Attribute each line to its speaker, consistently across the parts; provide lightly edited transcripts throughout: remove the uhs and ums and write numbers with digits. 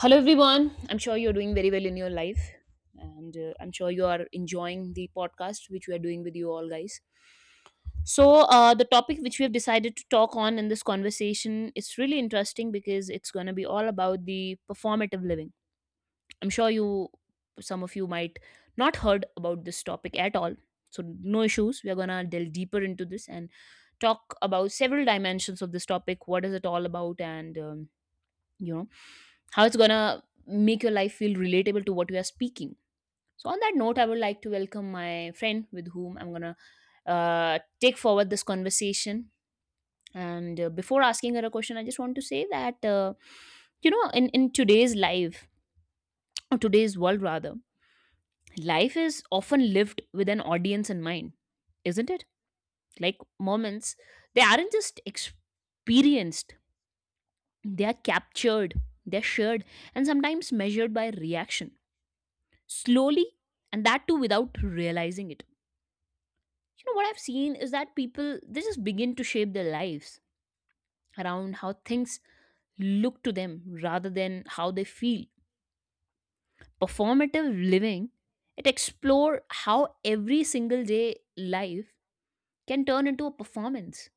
Speaker 1: Hello, everyone. I'm sure you're doing very well in your life,
Speaker 2: Trying to
Speaker 1: and
Speaker 2: try and
Speaker 1: I'm sure you
Speaker 2: keep
Speaker 1: are
Speaker 2: that
Speaker 1: enjoying the podcast which we are doing with
Speaker 2: us
Speaker 1: you all, guys.
Speaker 2: from going in the
Speaker 1: So, the
Speaker 2: doorways.
Speaker 1: topic which we have decided to talk on in this conversation is really interesting because it's going to be all about the performative living. I'm sure you, some of you, might not heard about this topic at all. So, no issues. We are going to delve deeper into this and talk about several dimensions of this topic. What is it all about? And you know how it's gonna make your life feel relatable to what you are speaking. So on that note, I would like to welcome my friend with whom I'm gonna take forward this conversation, and before asking her a question, I just want to say that in today's life, or today's world rather, life is often lived with an audience in mind, isn't it? Like moments, they aren't just experienced, they are captured, they're shared, and sometimes measured by reaction. Slowly, and that too without realizing it, you know what I've seen is that people, they just begin to shape their lives around how things look to them rather than how they feel. Performative living, it explore how every single day life can turn into a performance,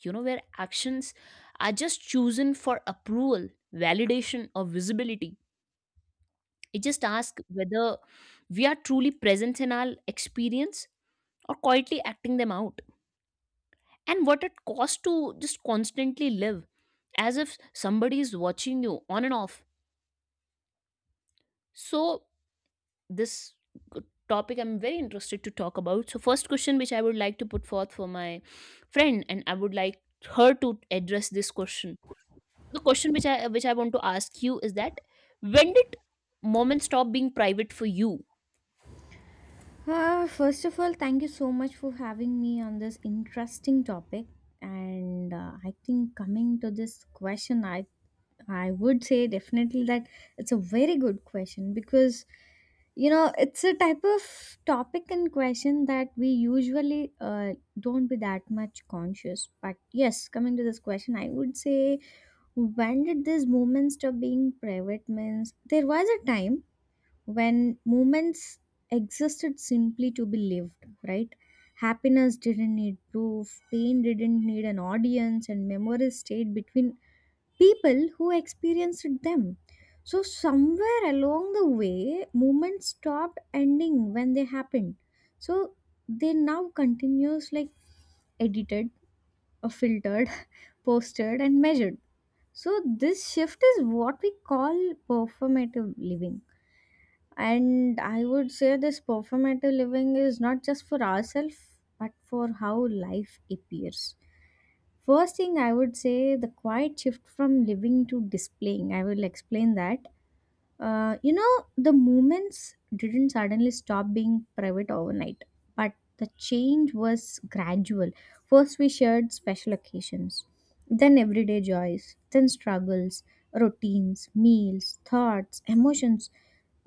Speaker 1: you know, where actions are just chosen for approval, validation, or visibility. It just asks whether we are truly present in our experience or quietly acting them out, and what it costs to just constantly live as if somebody is watching you on and off. So, this g- topic I'm very interested to talk about. So, first question which I would like to put forth for my friend, and I would like her to address this question. The question which I want to ask you is that when did moments stop being private for you?
Speaker 2: First of all, thank you so much for having me on this interesting topic. And I think coming to this question, I would say definitely that it's a very good question because you know it's a type of topic and question that we usually don't be that much conscious. But yes, coming to this question, I would say when did this movement stop being private means there was a time when moments existed simply to be lived, right? Happiness didn't need proof, pain didn't need an audience, and memories stayed between people who experienced them. So, somewhere along the way, moments stopped ending when they happened. So, they now continues like edited, or filtered, posted, and measured. So, this shift is what we call performative living, and I would say this performative living is not just for ourselves, but for how life appears. First thing, I would say the quiet shift from living to displaying. I will explain that. You know, the movements didn't suddenly stop being private overnight, but the change was gradual. First, we shared special occasions, then everyday joys, then struggles, routines, meals, thoughts, emotions.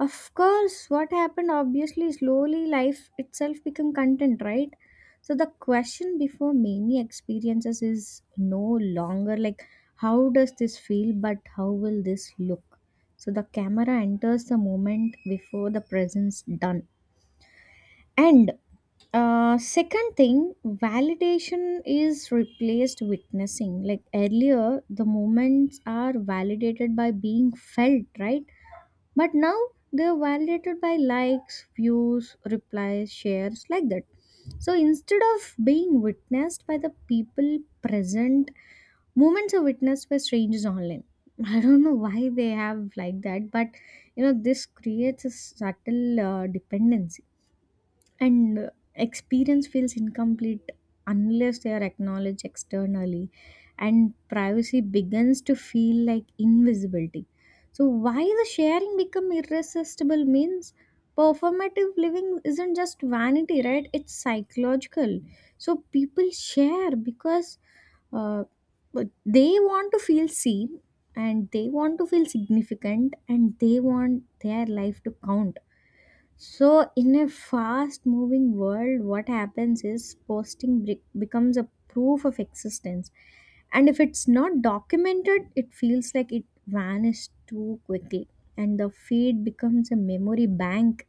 Speaker 2: Of course, what happened obviously slowly life itself became content, right? So the question before many experiences is no longer like how does this feel but how will this look? So the camera enters the moment before the presence done. And second thing, validation is replaced witnessing. Like earlier, the moments are validated by being felt, right? But now they are validated by likes, views, replies, shares, like that. So instead of being witnessed by the people present, moments are witnessed by strangers online. I don't know why they have like that, but you know, this creates a subtle dependency and experience feels incomplete unless they are acknowledged externally, and privacy begins to feel like invisibility. So why the sharing become irresistible means performative living isn't just vanity, right? It's psychological. So people share because uh, but they want to feel seen, and they want to feel significant, and they want their life to count. So, in a fast moving world, what happens is posting becomes a proof of existence. And if it's not documented, it feels like it vanished too quickly. And the feed becomes a memory bank,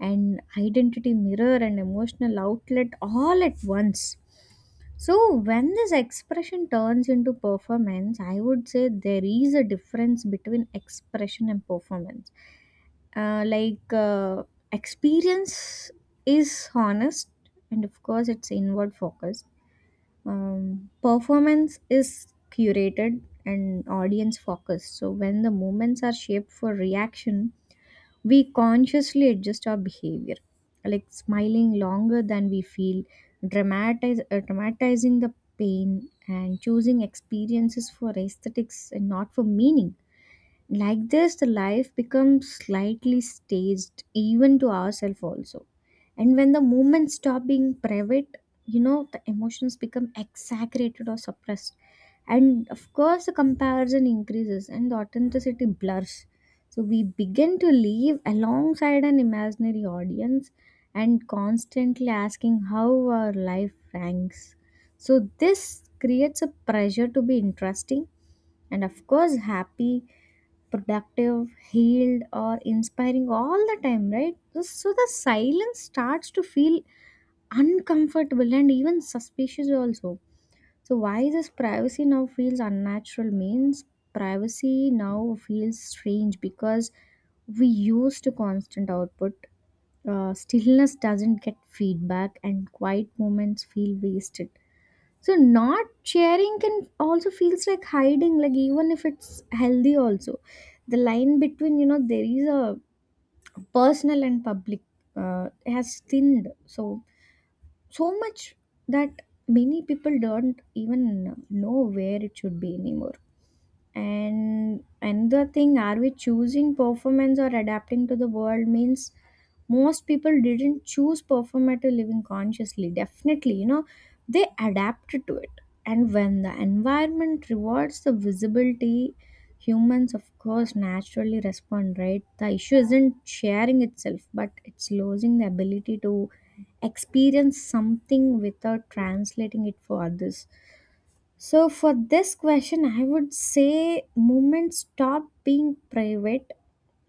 Speaker 2: an identity mirror, and emotional outlet all at once. So, when this expression turns into performance, I would say there is a difference between expression and performance. Uh, like uh, experience is honest, and of course it's inward focused. Performance is curated and audience focused. So when the moments are shaped for reaction, we consciously adjust our behavior, like smiling longer than we feel, dramatizing the pain, and choosing experiences for aesthetics and not for meaning. Like this, the life becomes slightly staged, even to ourselves also. And when the moments stop being private, you know, the emotions become exaggerated or suppressed. And of course, the comparison increases and the authenticity blurs. So we begin to live alongside an imaginary audience and constantly asking how our life ranks. So this creates a pressure to be interesting, and of course happy, productive, healed, or inspiring all the time, right? So the silence starts to feel uncomfortable and even suspicious also. So why this privacy now feels unnatural means privacy now feels strange because we used to constant output. Stillness doesn't get feedback and quiet moments feel wasted. So not sharing can also feels like hiding, like even if it's healthy also. The line between, you know, there is a personal and public has thinned. So so much that many people don't even know where it should be anymore. And another thing, are we choosing performance or adapting to the world means most people didn't choose performative living consciously. Definitely, you know, they adapted to it. And when the environment rewards the visibility, humans, of course, naturally respond, right? The issue isn't sharing itself, but it's losing the ability to experience something without translating it for others. So, for this question, I would say movements stop being private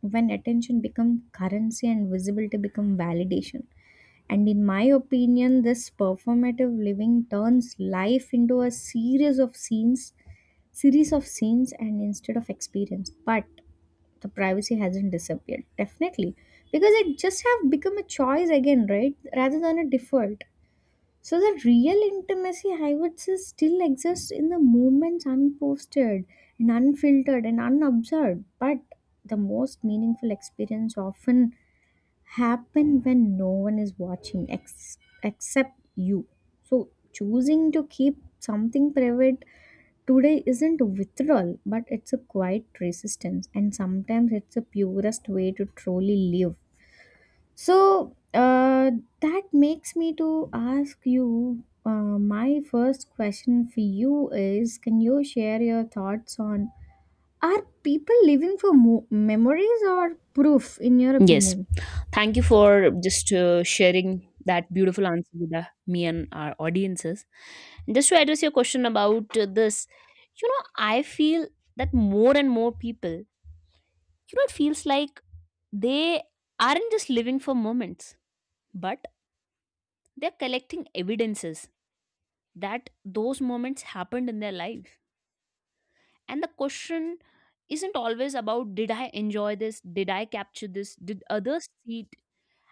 Speaker 2: when attention becomes currency and visibility become validation. And in my opinion, this performative living turns life into a series of scenes, and instead of experience. But the privacy hasn't disappeared, definitely, because it just have become a choice again, right? Rather than a default. So the real intimacy, I would say, still exists in the moments unposted and unfiltered and unobserved. But the most meaningful experience often happen when no one is watching except you. So choosing to keep something private today isn't withdrawal, but it's a quiet resistance, and sometimes it's the purest way to truly live. So that makes me to ask you. My first question for you is: can you share your thoughts on are people living for memories or proof? In your
Speaker 1: Yes.
Speaker 2: opinion,
Speaker 1: Thank you for just sharing that beautiful answer with me and our audiences. And just to address your question about this, you know, I feel that more and more people, you know, it feels like they aren't just living for moments, but they're collecting evidences that those moments happened in their life. And the question isn't always about did I enjoy this? Did I capture this? Did others see it?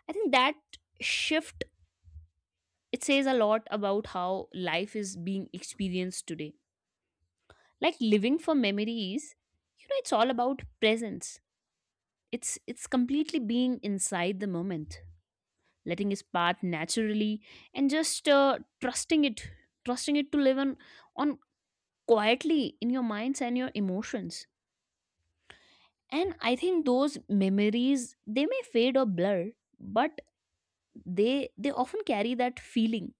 Speaker 1: I think that shift, it says a lot about how life is being experienced today. Like living for memories, you know, it's all about presence. It's completely being inside the moment, letting it path naturally, and just trusting it to live on on quietly in your minds and your emotions. And I think those memories, they may fade or blur, but they often carry that feeling,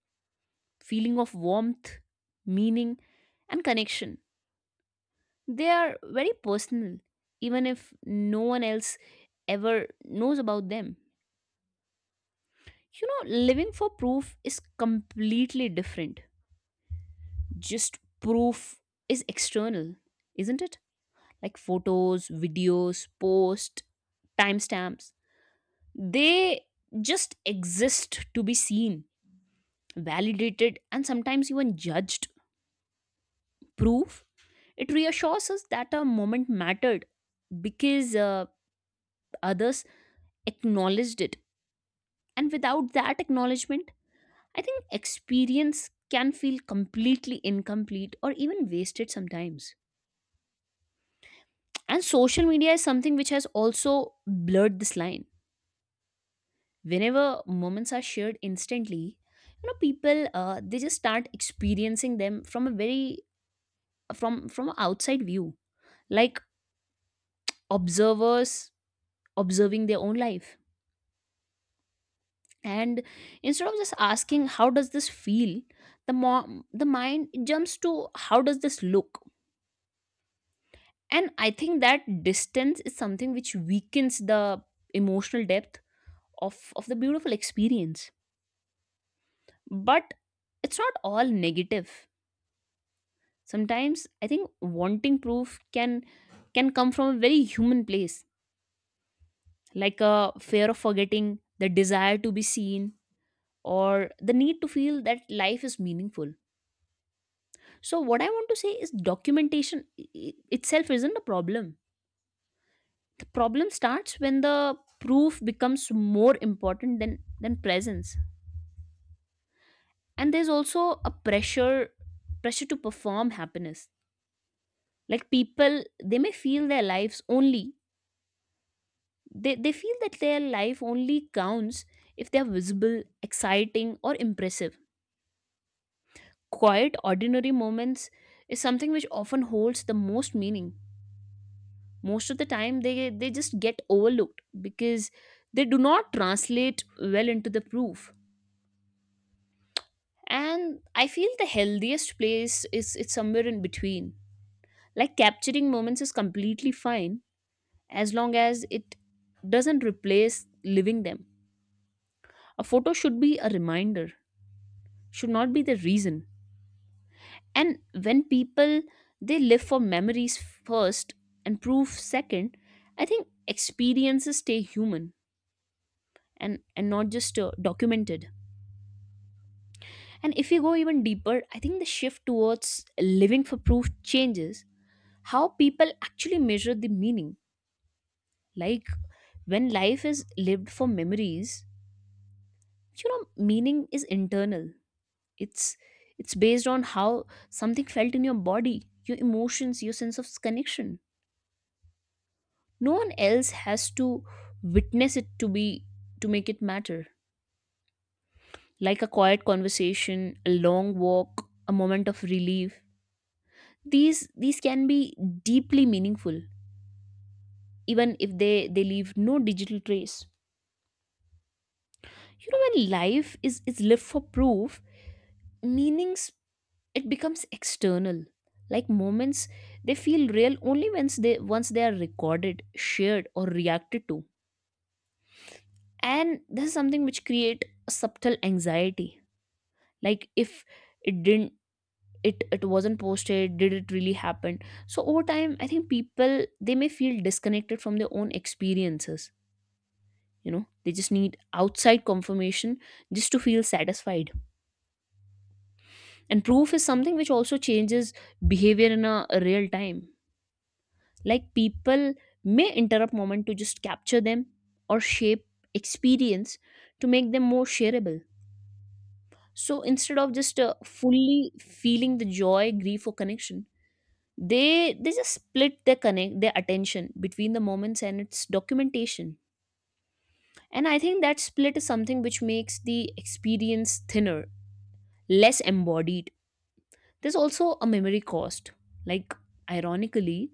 Speaker 1: feeling of warmth, meaning, and connection. They are very personal, even if no one else ever knows about them. You know, living for proof is completely different. Just proof is external, isn't it? Like photos, videos, posts, timestamps. They just exist to be seen, validated, and sometimes even judged. Proof, it reassures us that a moment mattered because others acknowledged it. And without that acknowledgement, I think experience can feel completely incomplete or even wasted sometimes. And social media is something which has also blurred this line. Whenever moments are shared instantly, you know, people they just start experiencing them from a very from a outside view, like observers observing their own life. And instead of just asking how does this feel, the the mind jumps to how does this look. And I think that distance is something which weakens the emotional depth of the beautiful experience. But it's not all negative. Sometimes I think wanting proof can come from a very human place, like a fear of forgetting, the desire to be seen, or the need to feel that life is meaningful. So what I want to say is documentation itself isn't a problem. Problem starts when the proof becomes more important than presence. And there's also a pressure, pressure to perform happiness. Like people, they may feel their lives only, they feel that their life only counts if they're visible, exciting, or impressive. Quiet ordinary moments is something which often holds the most meaning. Most of the time they just get overlooked because they do not translate well into the proof. And I feel the healthiest place is, it's somewhere in between. Like capturing moments is completely fine as long as it doesn't replace living them. A photo should be a reminder, should not be the reason. And when people, they live for memories first and proof second, I think experiences stay human, and not just documented. And if you go even deeper, I think the shift towards living for proof changes how people actually measure the meaning. Like when life is lived for memories, you know, meaning is internal. It's it's based on how something felt in your body, your emotions, your sense of connection. No one else has to witness it to be, to make it matter. Like a quiet conversation, a long walk, a moment of relief. These can be deeply meaningful, even if they leave no digital trace. You know, when life is lived for proof, meanings, it becomes external. Like moments, they feel real only once they are recorded, shared, or reacted to. And this is something which create a subtle anxiety. Like if it didn't it wasn't posted, did it really happen? So over time, I think people, they may feel disconnected from their own experiences. You know, they just need outside confirmation just to feel satisfied. And proof is something which also changes behavior in a real time. Like people may interrupt moment to just capture them or shape experience to make them more shareable. So instead of just fully feeling the joy, grief, or connection, they just split their connect their attention between the moments and its documentation. And I think that split is something which makes the experience thinner, less embodied. There's also a memory cost. Like ironically,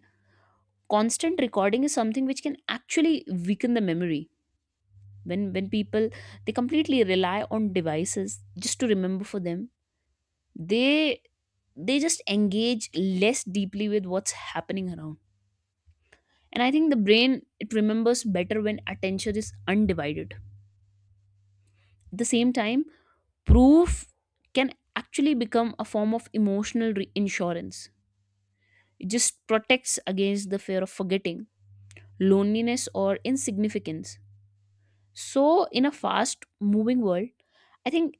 Speaker 1: constant recording is something which can actually weaken the memory. When people, they completely rely on devices just to remember for them, they just engage less deeply with what's happening around. And I think the brain, it remembers better when attention is undivided. At the same time, proof can actually become a form of emotional insurance. It just protects against the fear of forgetting, loneliness, or insignificance. So, in a fast moving world, I think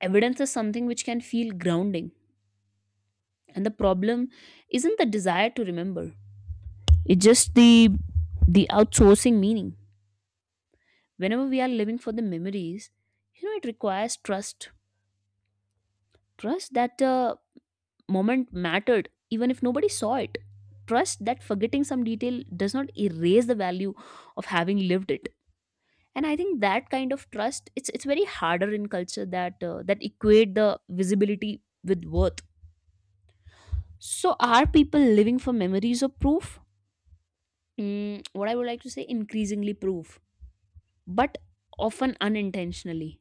Speaker 1: evidence is something which can feel grounding. And the problem isn't the desire to remember. It's just the outsourcing meaning. Whenever we are living for the memories, you know, it requires trust. Trust that the moment mattered even if nobody saw it. Trust that forgetting some detail does not erase the value of having lived it. And I think that kind of trust, it's very harder in culture that that equate the visibility with worth. So are people living for memories or proof? What I would like to say, increasingly proof, but often unintentionally.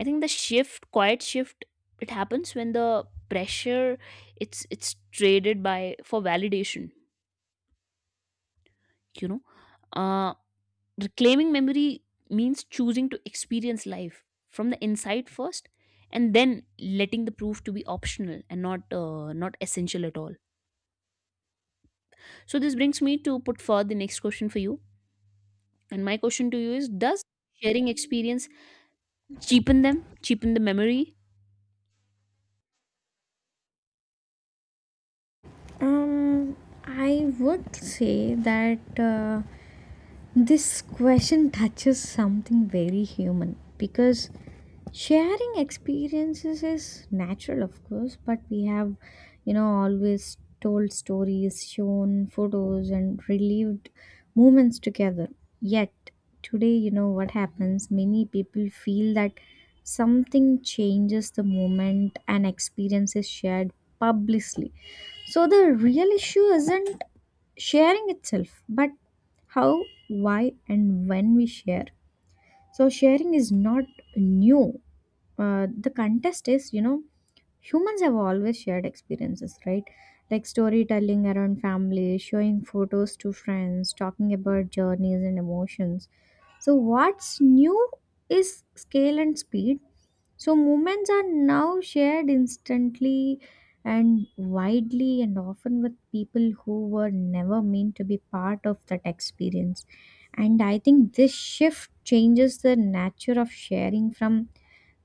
Speaker 1: I think the shift, quiet shift, it happens when the pressure, it's traded by for validation, you know. uh, Reclaiming memory means choosing to experience life from the inside first, and then letting the proof to be optional and not not essential at all. So this brings me to put forward the next question for you. And my question to you is, does sharing experience cheapen them, cheapen the memory?
Speaker 2: Um, I would say that. Uh, This question touches something very human because sharing experiences is natural, of course, but we have, you know, always told stories, shown photos, and relived moments together. Yet, today, you know, what happens? Many people feel that something changes the moment an experience is shared publicly. So, the real issue isn't sharing itself but how why and when we share. So sharing is not new. The contest is you know humans have always shared experiences, right? Like storytelling around family, showing photos to friends, talking about journeys and emotions. So what's new is scale and speed. So moments are now shared instantly and widely and often with people who were never meant to be part of that experience. And I think this shift changes the nature of sharing from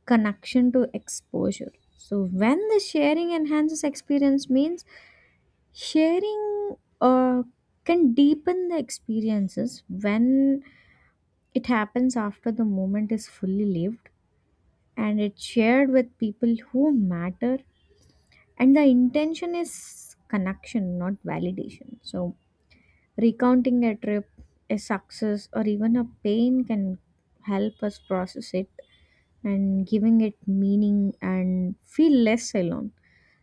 Speaker 2: connection to exposure. So when the sharing enhances experience means sharing can deepen the experiences when it happens after the moment is fully lived and it's shared with people who matter and the intention is connection not validation. So recounting a trip, a success, or even a pain can help us process it and giving it meaning and feel less alone.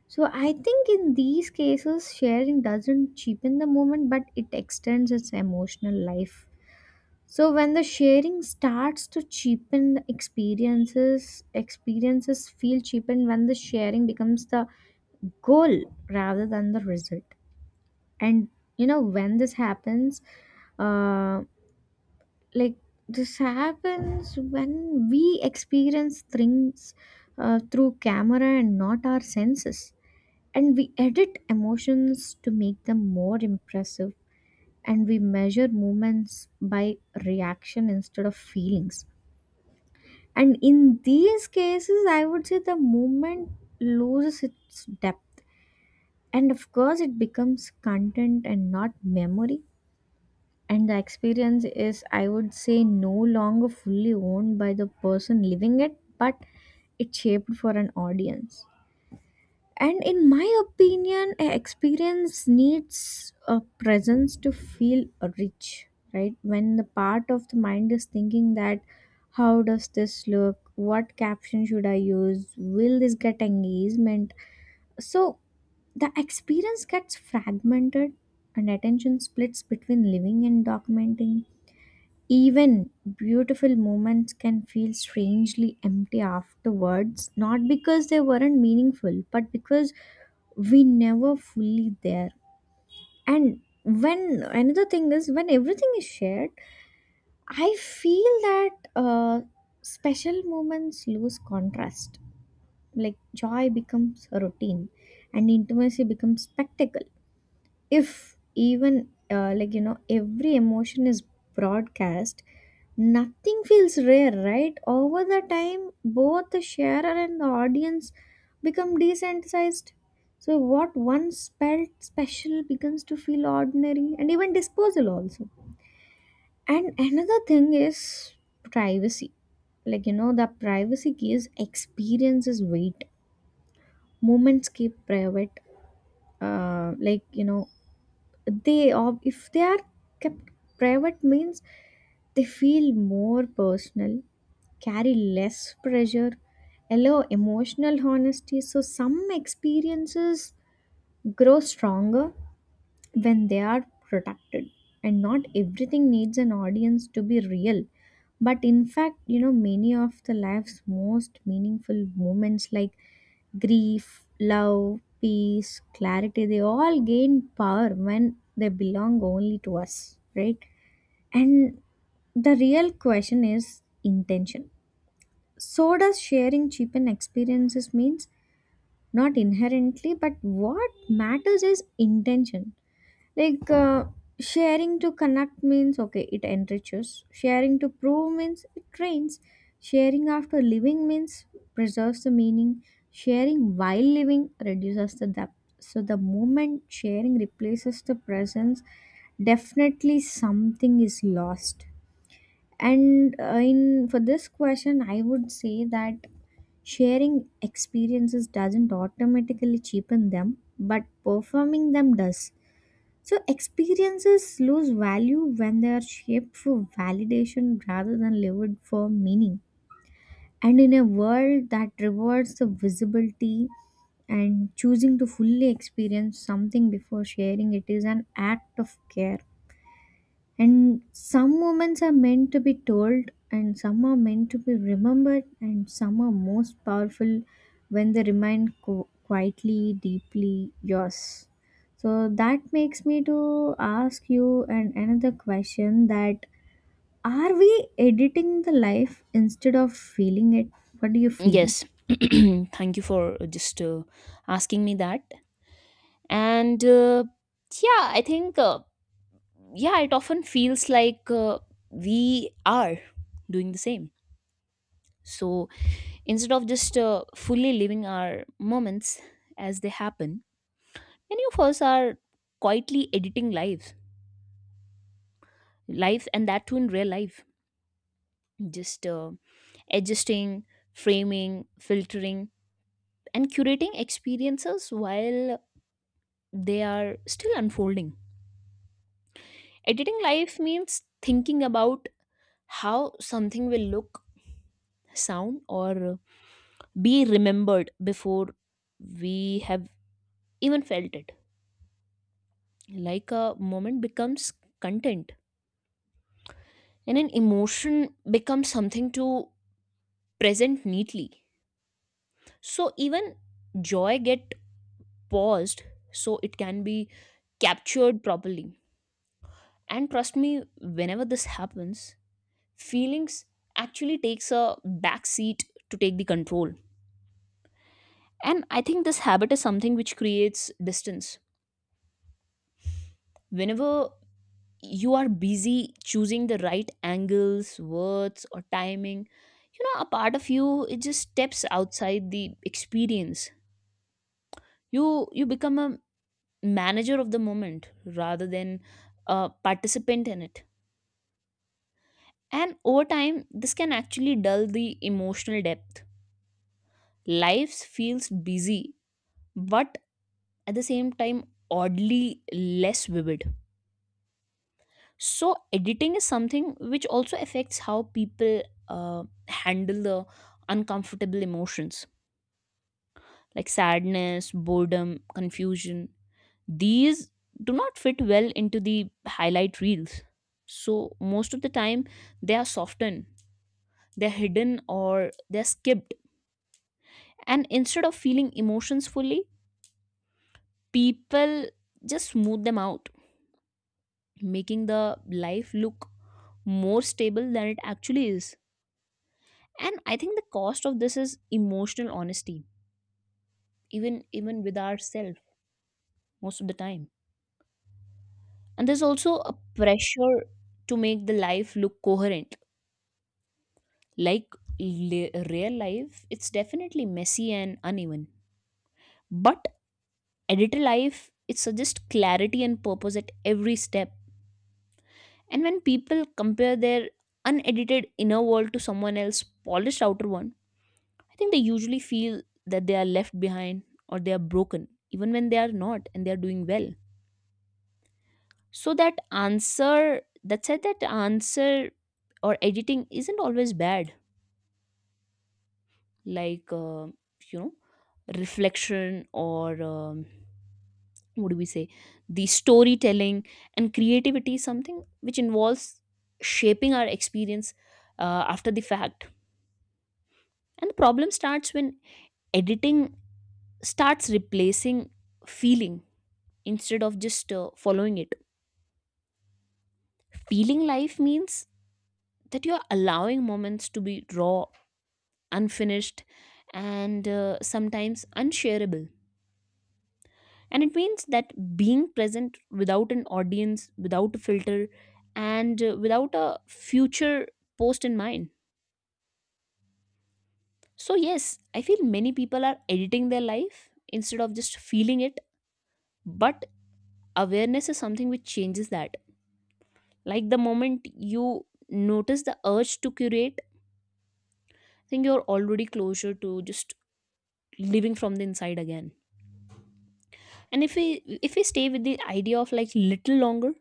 Speaker 2: So I think in these cases sharing doesn't cheapen the moment but it extends its emotional life. So when the sharing starts to cheapen the experiences, experiences feel cheapened when the sharing becomes the goal rather than the result. And you know when this happens, uh, like this happens when we experience things through camera and not our senses. And we edit emotions to make them more impressive. And we measure movements by reaction instead of feelings. And in these cases, I would say the movement loses its depth. And of course, it becomes content and not memory. And the experience is, I would say, no longer fully owned by the person living it, but it's shaped for an audience. And in my opinion a experience needs a presence to feel rich, right? When the part of the mind is thinking that how does this look, what caption should I use, will this get engagement, so the experience gets fragmented and attention splits between living and documenting. Even beautiful moments can feel strangely empty afterwards, not because they weren't meaningful, but because we never fully there. And when another thing is, when everything is shared, I feel that special moments lose contrast. Like joy becomes a routine and intimacy becomes spectacle if even like you know every emotion is broadcast, nothing feels rare, right? Over the time both the sharer and the audience become desensitized. So what once felt special becomes to feel ordinary and even disposal also. And another thing is privacy, like you know the privacy gives experiences weight. Moments keep private, like you know they if they are kept private means they feel more personal, carry less pressure, allow emotional honesty. So some experiences grow stronger when they are protected, and not everything needs an audience to be real. But in fact you know many of the life's most meaningful moments like grief, love, peace, clarity, they all gain power when they belong only to us, right? And the real question is intention. So does sharing cheapen experiences means not inherently, but what matters is intention. Like uh, sharing to connect means okay, it enriches. Sharing to prove means it trains. Sharing after living means preserves the meaning. Sharing while living reduces the depth. So the moment sharing replaces the presence, definitely something is lost. And in for this question, I would say that sharing experiences doesn't automatically cheapen them, but performing them does. So experiences lose value when they are shaped for validation rather than lived for meaning. And in a world that rewards the visibility and choosing to fully experience something before sharing it is an act of care. And some moments are meant to be told, and some are meant to be remembered, and some are most powerful when they remain quietly, deeply yours. So that makes me to ask you and another question that are we editing the life instead of feeling it? What do you feel?
Speaker 1: Yes. Thank you for just asking me that. And yeah, I think yeah, it often feels like we are doing the same. So instead of just fully living our moments as they happen, many of us are quietly editing lives, life, and that too in real life. Just adjusting, framing, filtering, and curating experiences while they are still unfolding. Editing life means thinking about how something will look, sound, or be remembered before we have even felt it. Like a moment becomes content and an emotion becomes something to present neatly. So even joy get paused so it can be captured properly. And trust me, whenever this happens, feelings actually takes a back seat to take the control. And I think this habit is something which creates distance. Whenever you are busy choosing the right angles, words, or timing, you know, a part of you, it just steps outside the experience. You become a manager of the moment rather than a participant in it. And over time, this can actually dull the emotional depth. Life feels busy, but at the same time, oddly less vivid. So editing is something which also affects how people handle the uncomfortable emotions like sadness, boredom, confusion. These do not fit well into the highlight reels, so most of the time they are softened, they're hidden, or they're skipped. And instead of feeling emotions fully, people just smooth them out, making the life look more stable than it actually is. And I think the cost of this is emotional honesty, even with ourselves, most of the time. And there's also a pressure to make the life look coherent. Like, real life, it's definitely messy and uneven, but editor life, it suggests clarity and purpose at every step. And when people compare their unedited inner world to someone else's polished outer one, I think they usually feel that they are left behind or they are broken, even when they are not and they are doing well. So that answer, that said that answer, or editing isn't always bad. Like, you know reflection, or what do we say, the storytelling and creativity is something which involves shaping our experience after the fact. And the problem starts when editing starts replacing feeling instead of just following it. Feeling life means that you're allowing moments to be raw, unfinished, and sometimes unshareable. And it means that being present without an audience, without a filter, and without a future post in mind. So, yes, I feel many people are editing their life instead of just feeling it, but awareness is something which changes that. Like the moment you notice the urge to curate, I think you're already closer to just living from the inside again. And if we stay with the idea of like little longer,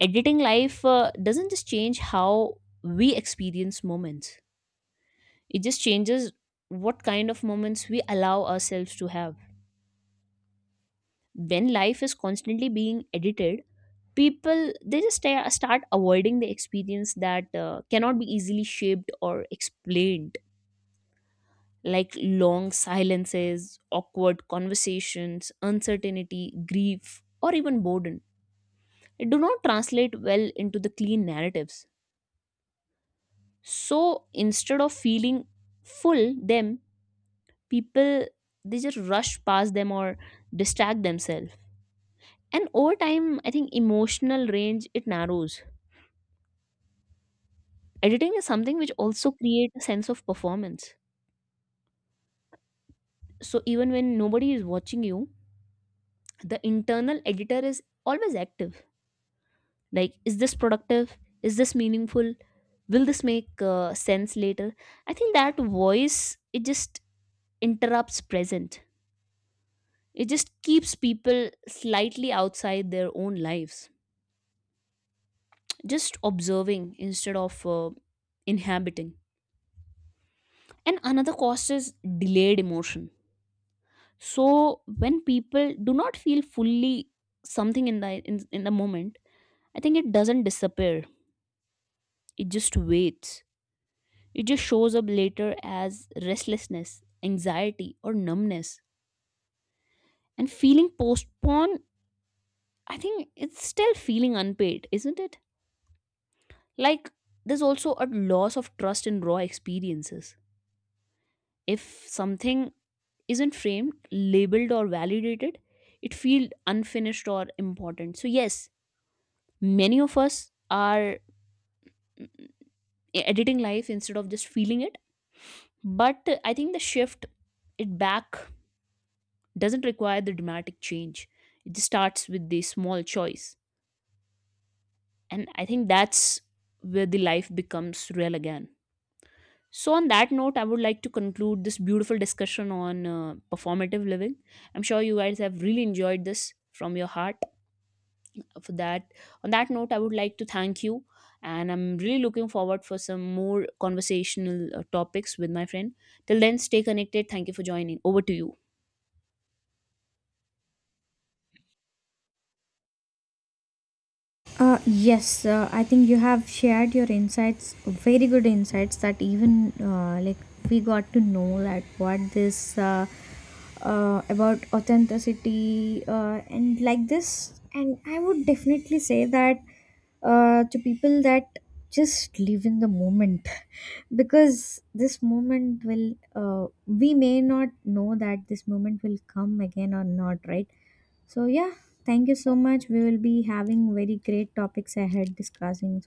Speaker 1: editing life doesn't just change how we experience moments, it just changes what kind of moments we allow ourselves to have. When life is constantly being edited, people, they just start avoiding the experience that cannot be easily shaped or explained, like long silences, awkward conversations, uncertainty, grief, or even boredom. It do not translate well into the clean narratives. So instead of feeling full them, people, they just rush past them or distract themselves. And over time, I think emotional range, it narrows. Editing is something which also creates a sense of performance. So even when nobody is watching you, the internal editor is always active. Like, is this productive? Is this meaningful? Will this make sense later? I think that voice, it just interrupts present. It just keeps people slightly outside their own lives, just observing instead of inhabiting. And another cost is delayed emotion. So when people do not feel fully something in in the moment, I think it doesn't disappear. It just waits. It just shows up later as restlessness, anxiety, or numbness. And feeling postponed, I think it's still feeling unpaid, isn't it? Like, there's also a loss of trust in raw experiences. If something isn't framed, labeled, or validated, it feels unfinished or important. So, yes, many of us are editing life instead of just feeling it. But I think the shift it back doesn't require the dramatic change. It just starts with the small choice. And I think that's where the life becomes real again. So, on that note, I would like to conclude this beautiful discussion on performative living. I'm sure you guys have really enjoyed this from your heart. For that, on that note, I would like to thank you, and I'm really looking forward for some more conversational topics with my friend. Till then, stay connected. Thank you for joining. Over to you.
Speaker 2: Yes, I think you have shared your insights, very good insights that even like we got to know that what this about authenticity and like this. And I would definitely say that to people that just live in the moment because this moment will, we may not know that this moment will come again or not, right? So yeah, thank you so much. We will be having very great topics ahead discussing.